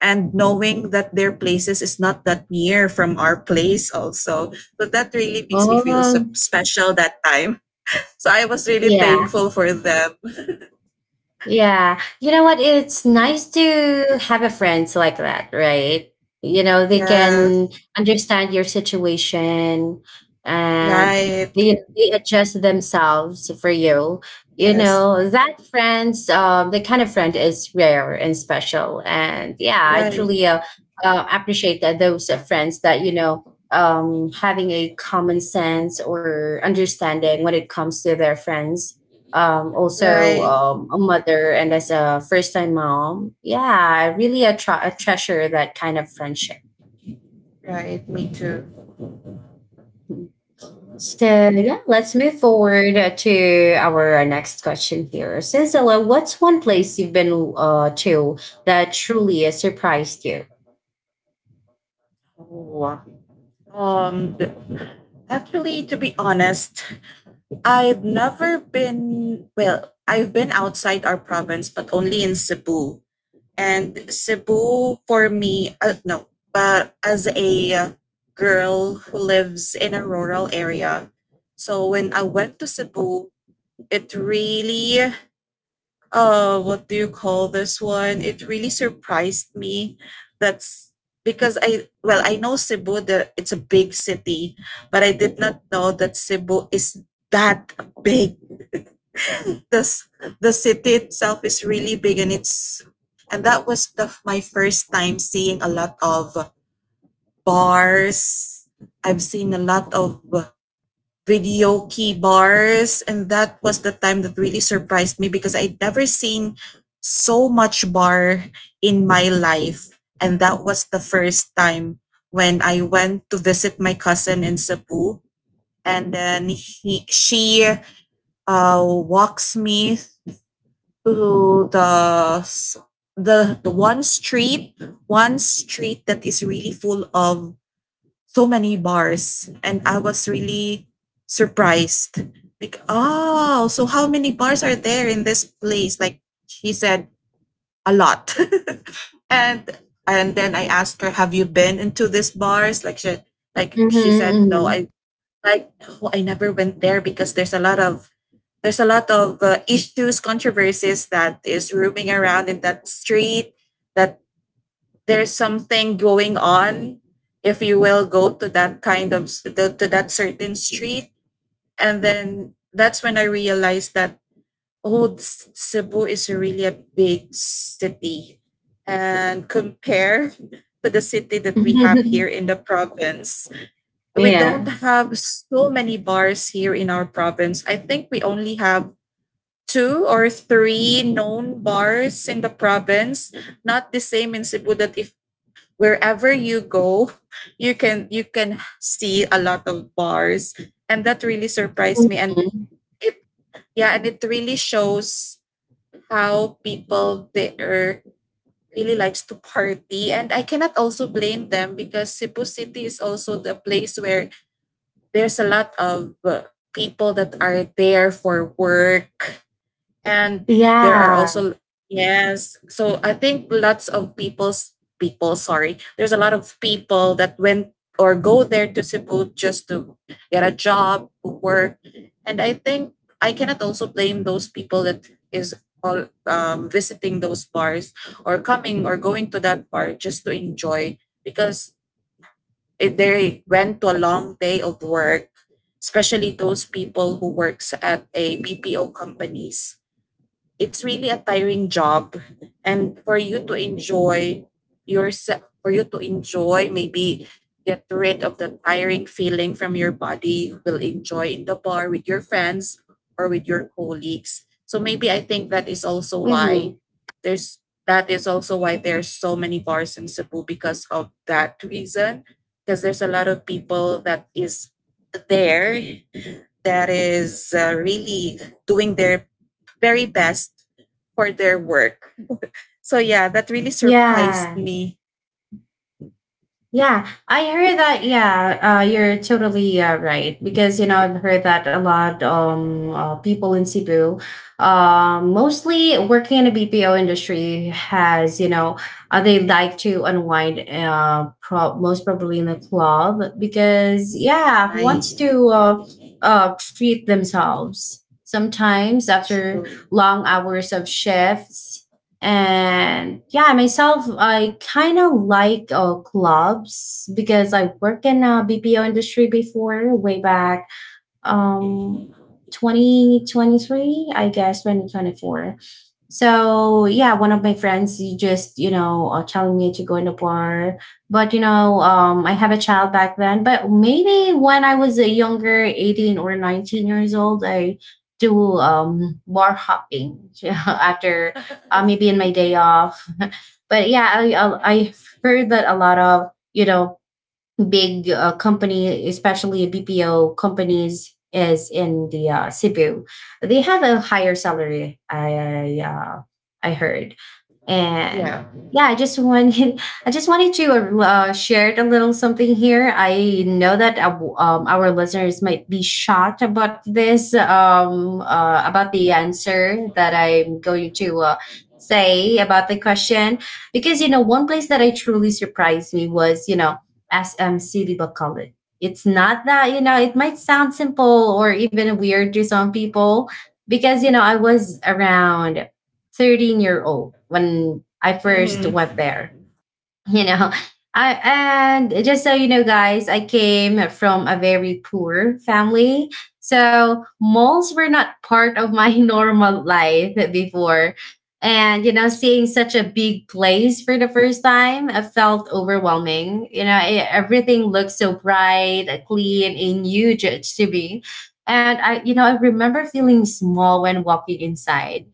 B: and knowing that their places is not that near from our place also, so that really makes me feel so
A: Oh,
B: special that time, so I was really
A: yeah.
B: thankful for them.
A: Yeah. You know what? It's nice to have a friends like that, right? They can
B: Yes,
A: understand your situation, and
B: right.
A: they adjust themselves for you.
B: Yes,
A: That friends, the kind of friend is rare and special. And yeah, I
B: right,
A: truly appreciate that those friends that, having a common sense or understanding when it comes to their friends, also,
B: right,
A: a mother and as a first time mom. Yeah, I really a treasure that kind of friendship.
B: right. Me too.
A: So yeah, let's move forward to our next question here. Cecilia, what's one place you've been to that truly surprised you?
B: Oh. Um, th- Actually, to be honest, I've never been, well, I've been outside our province, but only in Cebu. And Cebu for me, no, but as a girl who lives in a rural area, so when I went to Cebu, it really what do you call this one it really surprised me. That's Because I know Cebu that it's a big city, but I did not know that Cebu is that big. [LAUGHS] this The city itself is really big, and it's and that was the my first time seeing a lot of bars. I've seen a lot of radio key bars, and that was the time that really surprised me, because I'd never seen so much bar in my life. And that was the first time when I went to visit my cousin in Cebu, and then she walks me to the the one street, one street that is really full of so many bars, and I was really surprised. Like, oh, so how many bars are there in this place? Like she said, a lot. [LAUGHS] and and then I asked her, have you been into these bars? Like she said, no,
A: Mm-hmm,
B: I like oh, I never went there because there's a lot of issues, controversies that is roaming around in that street, that there's something going on if you will go to that kind of to that certain street. And then that's when I realized that, oh, Cebu is really a big city. And compare [LAUGHS] to the city that we have
A: mm-hmm.
B: here in the province, we
A: [LAUGHS] Yeah.
B: don't have so many bars here in our province. I think we only have two or three known bars in the province, not the same in Cebu, that if wherever you go, you can see a lot of bars. And that really surprised me. And
A: Mhm.
B: it Yeah, and it really shows how people there really likes to party. And I cannot also blame them, because Cebu City is also the place where there's a lot of people that are there for work. And there are
A: Yeah.
B: also Yes, so I think lots of people's people sorry there's a lot of people that went or go there to Cebu just to get a job, work. And I think I cannot also blame those people that is all visiting those bars or coming or going to that bar just to enjoy, because they went to a long day of work, especially those people who works at a BPO companies. It's really a tiring job. And for you to enjoy you to enjoy, maybe get rid of the tiring feeling from your body, you will enjoy in the bar with your friends or with your colleagues. So maybe I think that is also why
A: Hmm.
B: there's there's so many bars in Cebu, because of that reason. Because there's a lot of people that is there, that is really doing their very best for their work. So yeah, that really surprised
A: Yeah.
B: me.
A: Yeah, I heard that. Yeah, you're totally right because I've heard that a lot. People in Cebu, mostly working in the BPO industry, has they like to unwind. Most probably in the club because yeah, who wants to treat themselves sometimes after
B: True.
A: long hours of shifts. And yeah, myself, I kind of like clubs because I work in a BPO industry before, way back um 2023, I guess 2024. So yeah, one of my friends, he just telling me to go in the bar, but I have a child back then. But maybe when I was a younger, 18 or 19 years old, I do bar hopping [LAUGHS] after, maybe in my day off. [LAUGHS] But yeah, I've heard that a lot of big company, especially BPO companies, is in the Cebu. They have a higher salary. I heard. And
B: Yeah.
A: yeah, I just wanted [LAUGHS] I just wanted to share a little something here. I know that our listeners might be shocked about this, about the answer that I'm going to. Say about the question. Because one place that I truly surprised me was SMC Little College. It's not that, it might sound simple or even weird to some people because, I was around 13-year-old when I first went
B: Mm-hmm.
A: there. you know I, and just so you know, guys, I came from a very poor family, so malls were not part of my [LAUGHS] normal life before. And seeing such a big place for the first time, I felt overwhelming. Everything looked so bright, clean, and huge to me. And I you know I remember feeling small when walking inside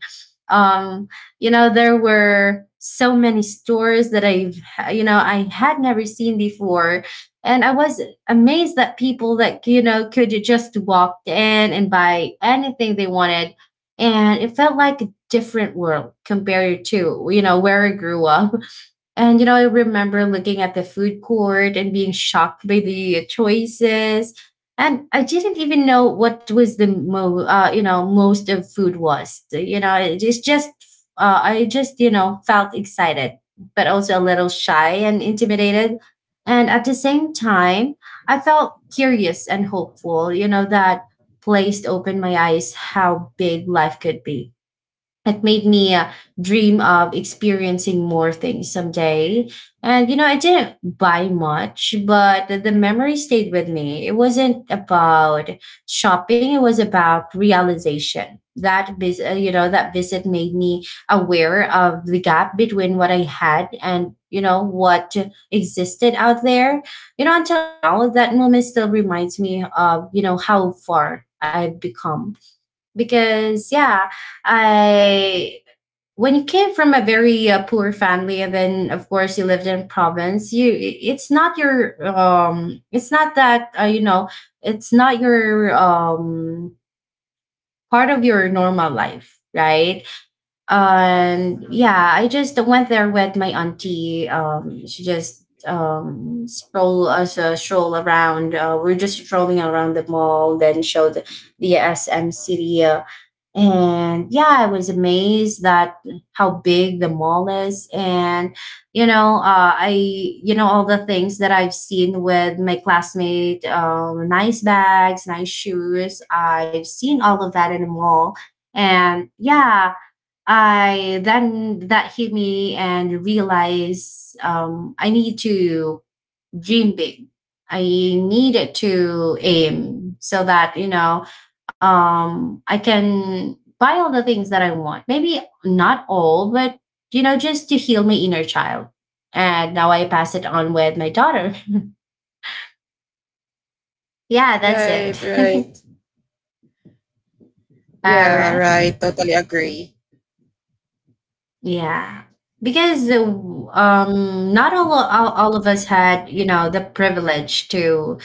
A: um there were so many stores that I you know I had never seen before. And I was amazed that people that could just walk in and buy anything they wanted. And it felt like a different world compared to where I grew up. And, I remember looking at the food court and being shocked by the choices. And I didn't even know what was the most of food was. It is just I just, felt excited, but also a little shy and intimidated. And at the same time, I felt curious and hopeful, that place opened my eyes how big life could be. It made me dream of experiencing more things someday. I didn't buy much, but the memory stayed with me. It wasn't about shopping, it was about realization. That visit made me aware of the gap between what I had and, what existed out there. Until now, that moment still reminds me of, how far I've become. Because yeah, I when you came from a very poor family and then, of course, you lived in province. You it's not your it's not your part of your normal life, right?
B: Yes.
A: And yeah, I just went there with my auntie. She just stroll around. We're just strolling around the mall, then showed the SM City. And yeah, I was amazed that how big the mall is. And I you know all the things that I've seen with my classmate, nice bags, nice shoes, I've seen all of that in the mall. And yeah, I then that hit me and realized, I need to dream big. I needed to aim so that, I can buy all the things that I want. Maybe not all, but, just to heal my inner child. And now I pass it on with my daughter. [LAUGHS] Yeah, that's
B: Right,
A: it. [LAUGHS]
B: right.
A: All
B: Yeah,
A: right.
B: right. Totally agree.
A: Yeah. Because not all, all of us had, the privilege to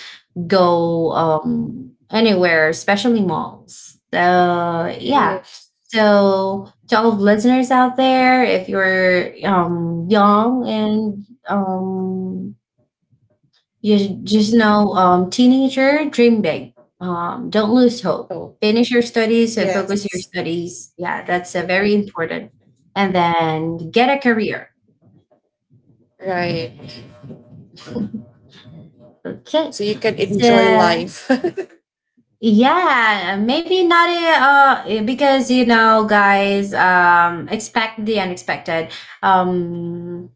A: go, anywhere, especially malls. So yeah.
B: Yeah.
A: So to all of listeners out there, if you're young and, just know, teenager, dream big. Don't lose hope.
B: So,
A: Finish your studies and focus your
B: yes.
A: studies. Yeah, that's very important. And then get a career.
B: Right.
A: [LAUGHS] Okay.
B: So you can enjoy
A: So
B: life.
A: yeah, maybe not, because you know, guys, expect the unexpected. Um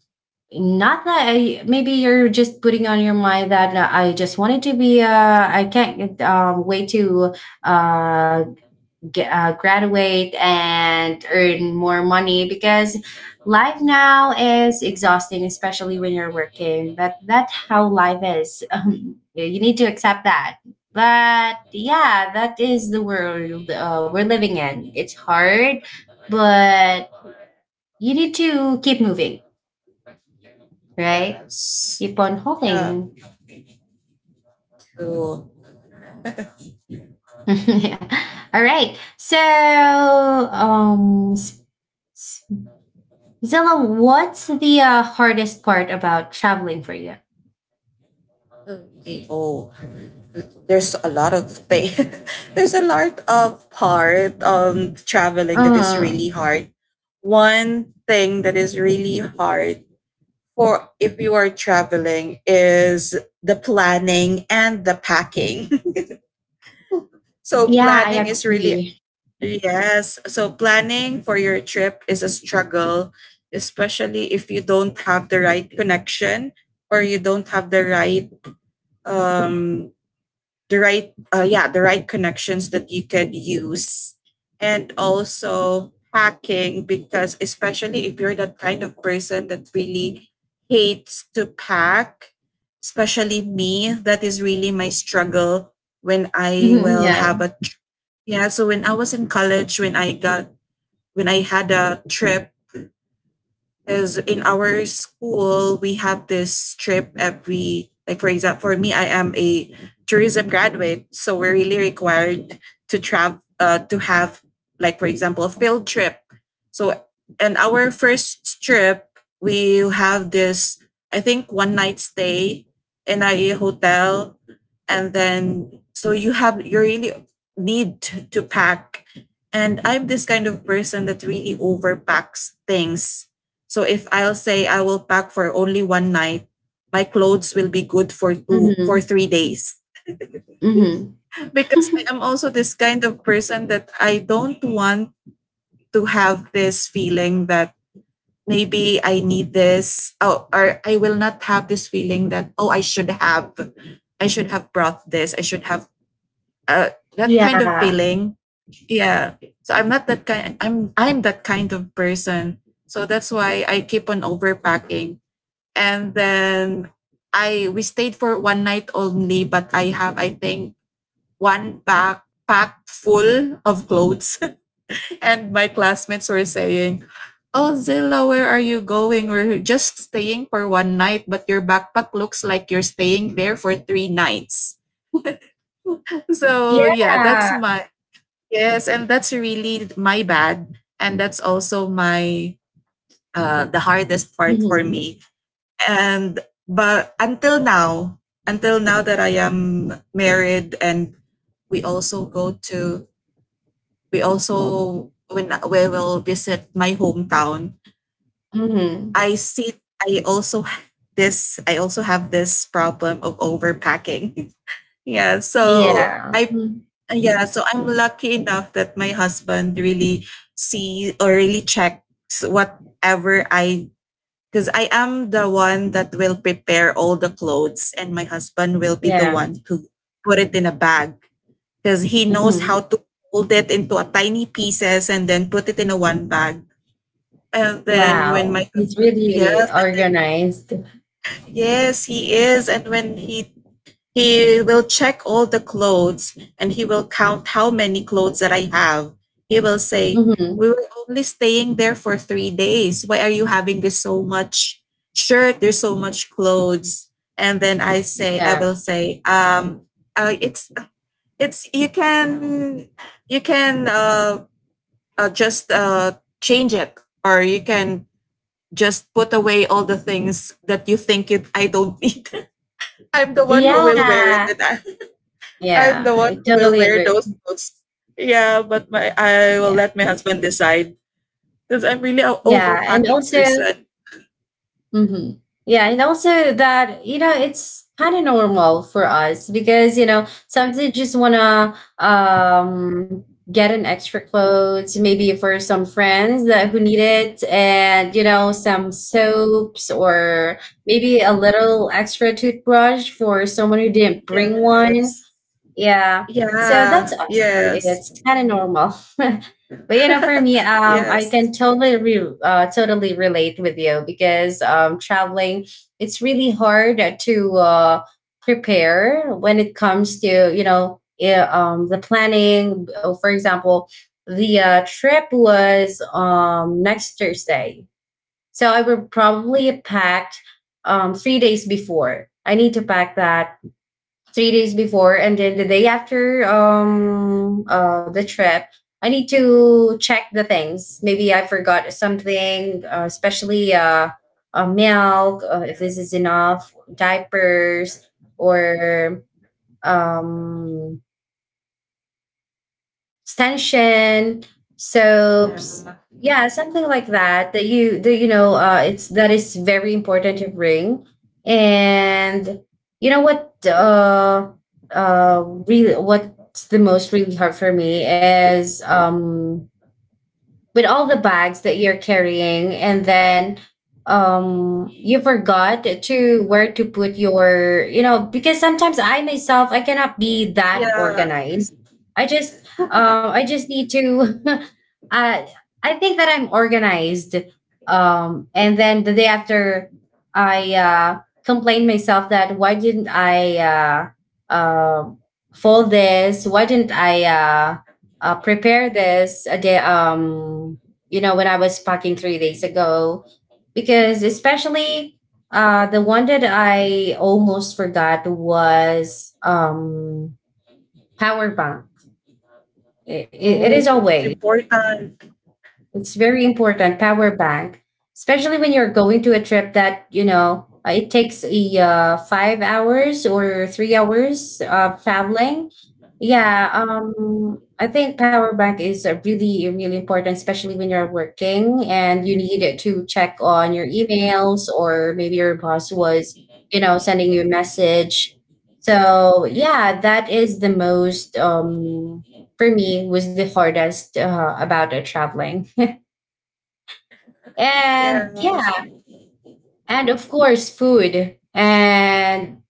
A: not that I, maybe you're just putting on your mind that, I just wanted to be I can't wait to uh get, graduate and earn more money because life now is exhausting, especially when you're working. But that's how life is. [LAUGHS] You need to accept that. But yeah, that is the world we're living in. It's hard, but you need to keep moving, right?
B: [LAUGHS] Yes.
A: Keep on
B: Yeah.
A: hoping.
B: Cool.
A: [LAUGHS] Yeah. All right. So, s- Zilla, what's the hardest part about traveling for you?
B: Okay. Oh. There's a lot of thing. [LAUGHS] There's a lot of part, um, traveling that is really
A: Mm.
B: hard. One thing that is really hard for if you are traveling is the planning and the packing. [LAUGHS] so
A: Yeah, I
B: planning is really
A: agree.
B: Yes, so planning for your trip is a struggle, especially if you don't have the right connection, or you don't have the right um yeah, the right connections that you could use. And also packing, because especially if you're that kind of person that really hates to pack, especially me, that is really my struggle when I
A: Hmm.
B: will
A: Yeah.
B: have a yeah, so when I was in college, when I had a trip. Because in our school, we have this trip every, like, for example, for me, I am a tourism graduate. So we're really required to travel, to have, like, for example, a field trip. So, and our first trip, we have this, I think, one night stay in a hotel. And then, so you really need to pack. And I'm this kind of person that really overpacks things. So if I'll say I will pack for only one night, my clothes will be good for two for
A: Hmm.
B: three days.
A: Hmm.
B: [LAUGHS] Because I am also this kind of person that I don't want to have this feeling that maybe I need this, oh, or I will not have this feeling that, oh, I should have brought this. I should have that kind of
A: Yeah.
B: feeling. Yeah. So I'm not that kind, I'm that kind of person. So that's why I keep on overpacking. And then I we stayed for one night only, but I have, I think, one backpack full of clothes. [LAUGHS] And my classmates were saying, oh, Zilla, where are you going? We're just staying for one night, but your backpack looks like you're staying there for three nights. [LAUGHS] So, yeah,
A: Yeah.
B: yes, and that's really my bad. And that's also the hardest part for
A: Hmm.
B: me. And but until now, until now that I am married, and we also go to we also, when we will visit my hometown,
A: Hmm.
B: i see I also have this I also have this problem of overpacking. [LAUGHS] yeah so
A: Yeah.
B: i
A: Mm.
B: yeah, so I'm lucky enough that my husband really see or really checks whatever I, because I am the one that will prepare all the clothes, and my husband will be the
A: Yeah.
B: one to put it in a bag, because he knows
A: Hmm.
B: how to fold it into a tiny pieces and then put it in a one bag. And then when
A: Wow.
B: my
A: He's
B: husband, yes,
A: really
B: and then,
A: organized.
B: yes, he is. And when he will check all the clothes, and he will count how many clothes that I have. He will say,
A: Hmm.
B: "We were only staying there for 3 days. Why are you having this so much shirt? There's so much clothes." And then I say, I
A: Yeah.
B: will say, uh, it's it's you can just change it. Or you can just put away all the things that you think I don't need. [LAUGHS] I'm the one who will wear it. [LAUGHS]
A: Yeah.
B: I'm the
A: Yeah,
B: one
A: I
B: who will
A: totally
B: wear
A: agree.
B: those clothes. Yeah, but my I will
A: Yeah.
B: let my husband decide, because I'm really a
A: Yeah. And
B: overpacking
A: also,
B: person.
A: mm-hmm. Yeah, and also that, it's kind of normal for us because, sometimes you just wanna get an extra clothes maybe for some friends that who need it, and some soaps or maybe a little extra toothbrush for someone who didn't bring one.
B: Yes.
A: Yeah. So that's
B: Yeah.
A: us.
B: Yes.
A: It's kind of normal. [LAUGHS] But, for me,
B: [LAUGHS]
A: I can
B: Yes.
A: totally totally relate with you because, traveling, it's really hard to prepare when it comes to, yeah, the planning. For example, the trip was, next Thursday, so I would probably packed, 3 days before. I need to pack that 3 days before, and then the day after, the trip, I need to check the things maybe I forgot something, especially, milk, if this is enough diapers, or um extension,
B: Yeah.
A: soaps, yeah, something like that. That, it's that is very important to bring. And you know what? Really, what's the most really hard for me is, with all the bags that you're carrying, and then, you forgot to where to put your, because sometimes, I myself, I cannot be that
B: Yeah.
A: organized. I just, I just need to [LAUGHS] uh I think that I'm organized. And then the day after, I complained myself that why didn't I um fold this, why didn't I prepare this a day, you know, when I was packing 3 days ago. Because especially, the one that I almost forgot was, power bank. It it is
B: Oh, it's
A: always.
B: important.
A: It's very important, power bank, especially when you're going to a trip that, it takes a, 5 hours or 3 hours of traveling. Yeah, I think power bank is really, really important, especially when you're working and you need it to check on your emails or maybe your boss was, sending you a message. So yeah, that is the most, for me, was the hardest about traveling. And
B: Yes.
A: yeah, and of course, food. And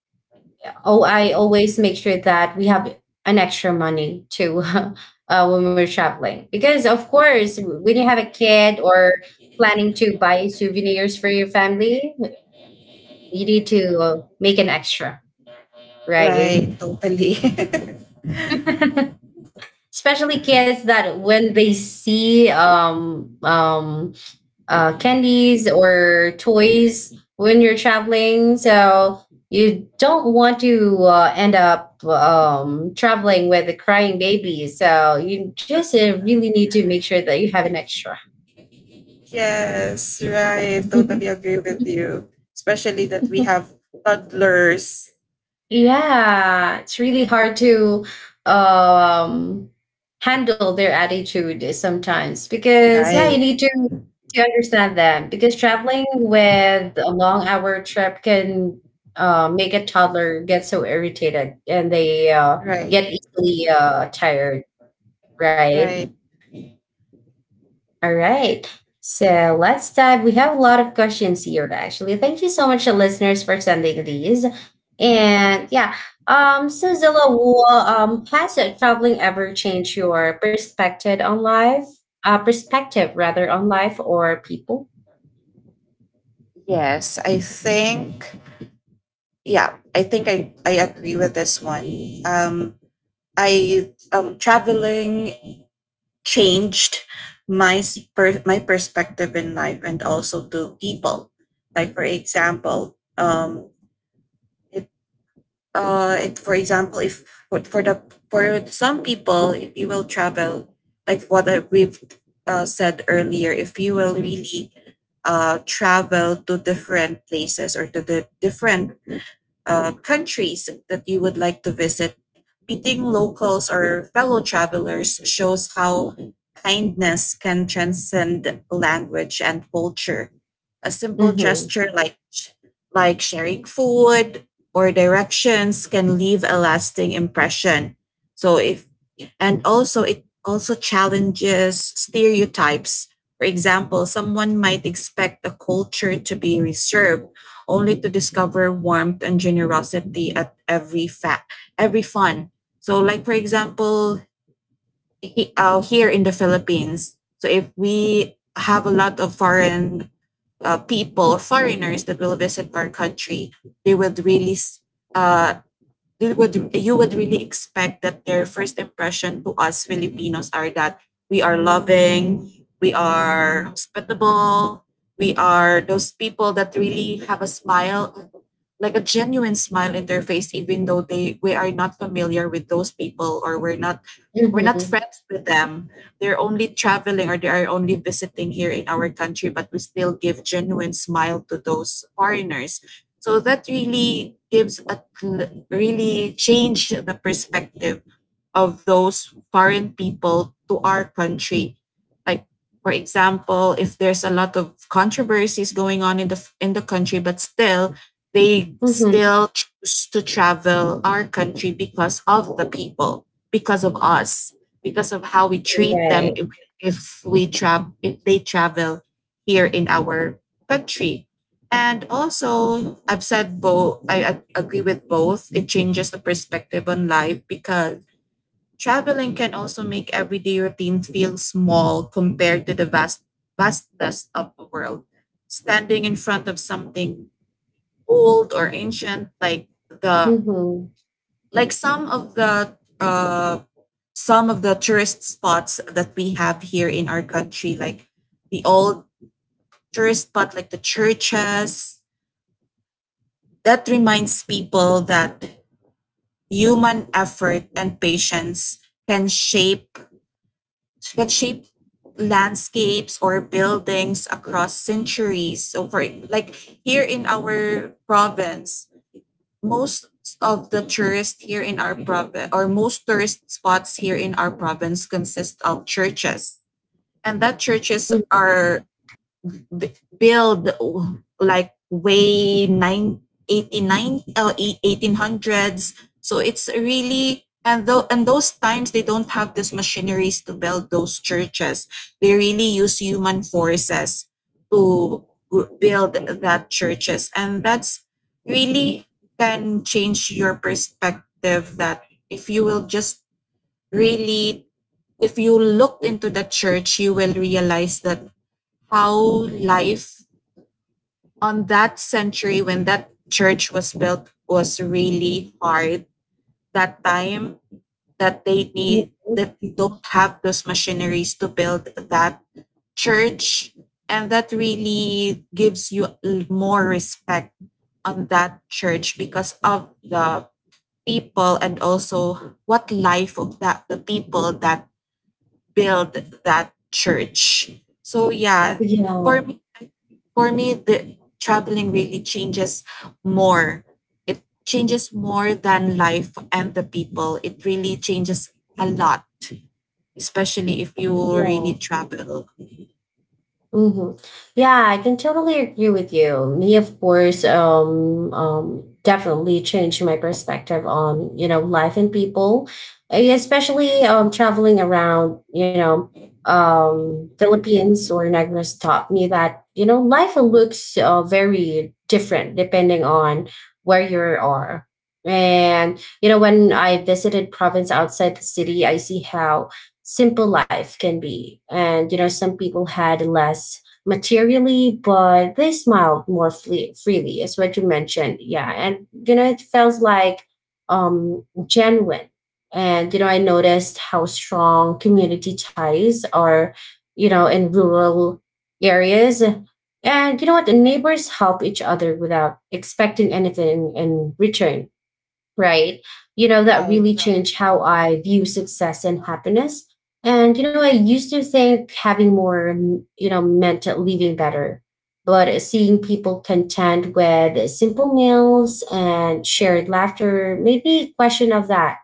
A: oh, I always make sure that we have an extra money too [LAUGHS] when we're traveling. Because, of course, when you have a kid or planning to buy souvenirs for your family, you need to make an extra, right?
B: Right. Totally. [LAUGHS]
A: [LAUGHS] Especially kids that when they see, candies or toys when you're traveling. So you don't want to end up, traveling with a crying baby. So you just really need to make sure that you have an extra.
B: Yes. Right. Totally agree with you, especially that we
A: [LAUGHS]
B: have toddlers.
A: Yeah, it's really hard to, um, handle their attitude sometimes because yeah, you
B: Right.
A: need to understand them because traveling with a long hour trip can, make a toddler get so irritated, and they,
B: Right.
A: get easily, tired, right?
B: Right.
A: All right. So let's dive. We have a lot of questions here, actually. Thank you so much, listeners, for sending these. And yeah, so, Zilla, has traveling ever changed your perspective on life? Perspective, rather, on life or people?
B: Yes, I think, yeah, I think I agree with this one. Um I Traveling changed my perspective in life, and also to people. Like, for example, it it for example, if for, for the for some people, if you will travel, like what we've, said earlier, if you will really, travel to different places, or to the different, countries that you would like to visit, meeting locals or fellow travelers shows how kindness can transcend language and culture. A simple
A: Mm-hmm.
B: gesture, like sharing food or directions, can leave a lasting impression. So if, and also, it also challenges stereotypes. For example, someone might expect a culture to be reserved, only to discover warmth and generosity at every every fun. So, like, for example, here in the Philippines, so if we have a lot of foreign, people, foreigners, that will visit our country, they would really s- uh, you would really expect that their first impression to us Filipinos are that we are loving, we are hospitable, we are those people that really have a smile, like a genuine smile in their face, even though they we are not familiar with those people, or we're not, we're not
A: Mm-hmm.
B: friends with them. They're only traveling, or they are only visiting here in our country, but we still give genuine smile to those foreigners. So that really changed the perspective of those foreign people to our country. Like, for example, if there's a lot of controversies going on in the country, but still they
A: Mm-hmm.
B: still choose to travel our country because of the people, because of us, because of how we treat them,
A: Right.
B: if we travel if they travel here in our country. And also, I've said both. I agree with both. It changes the perspective on life, because traveling can also make everyday routines feel small compared to the vastness of the world. Standing in front of something old or ancient, like the,
A: Mm-hmm.
B: like some of the uh, some of the tourist spots that we have here in our country, like the old tourist spot, like the churches. That reminds people that human effort and patience can shape landscapes or buildings across centuries. So for, like, here in our province, most of the tourists here in our province, or most tourist spots here in our province, consist of churches. And that churches
A: Mm-hmm.
B: are b- build like way 1890 or 1800s. So it's really, and though and those times they don't have these machineries to build those churches. They really use human forces to build that churches, and that's really can change your perspective, that if you will just really if you look into the church, you will realize that how life on that century when that church was built was really hard that time, that they need
A: Mm-hmm.
B: that they don't have those machineries to build that church. And that really gives you more respect on that church, because of the people, and also what life of that the people that build that church. So yeah, for
A: Yeah.
B: me, for me, the traveling really changes more. It changes more than life and the people. It really changes a lot, especially if you
A: Yeah.
B: really travel.
A: Mm-hmm. Yeah, I can totally agree with you. Me, of course, definitely changed my perspective on, life and people, especially, traveling around. Philippines or Negros taught me that, life looks very different depending on where you are. And, when I visited province outside the city, I see how simple life can be. And, some people had less materially, but they smiled more freely, as what you mentioned. Yeah. And, it felt like, genuine. And, I noticed how strong community ties are, in rural areas. And you know what? The neighbors help each other without expecting anything in return, right? That really
B: Right,
A: changed how I view success and happiness. And, I used to think having more, meant living better. But seeing people content with simple meals and shared laughter made me question of that.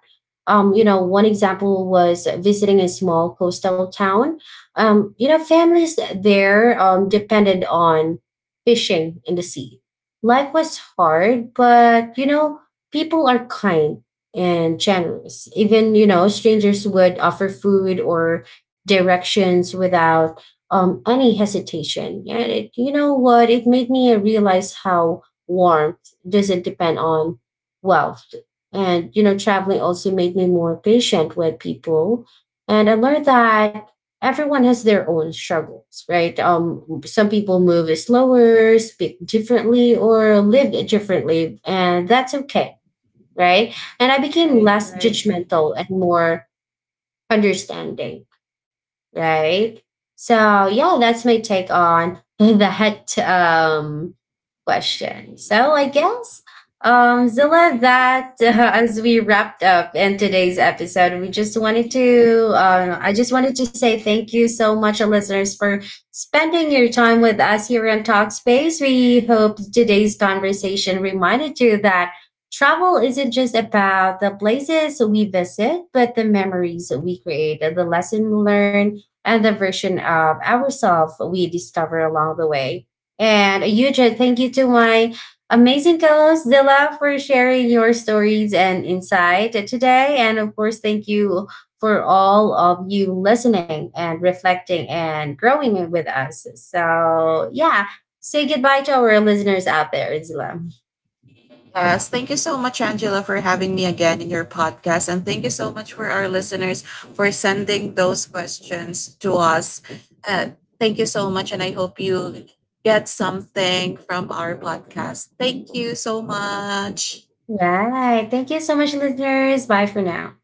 A: One example was visiting a small coastal town. Families there, depended on fishing in the sea. Life was hard, but, people are kind and generous. Even, strangers would offer food or directions without, any hesitation. You know what? It made me realize how warmth doesn't depend on wealth. And, traveling also made me more patient with people. And I learned that everyone has their own struggles, right? Some people move slower, speak differently, or live differently, and that's okay, right? And I became
B: right,
A: less
B: right.
A: judgmental and more understanding, right? So yeah, that's my take on [LAUGHS] that, question. So I guess, Zilla, that [LAUGHS] as we wrapped up in today's episode, we just wanted to I just wanted to say thank you so much, listeners, for spending your time with us here on Talkspace. We hope today's conversation reminded you that travel isn't just about the places we visit, but the memories we create, the lesson learned, and the version of ourselves we discover along the way. And a huge thank you to my amazing co-host Zilla for sharing your stories and insight today. And of course, thank you for all of you listening and reflecting and growing with us. So yeah, say goodbye to our listeners out there, Zilla.
B: Yes, thank you so much, Angela, for having me again in your podcast. And thank you so much for our listeners for sending those questions to us. Uh, Thank you so much. And I hope you get something from our podcast. Thank you so much.
A: Right. Thank you so much, listeners. Bye for now.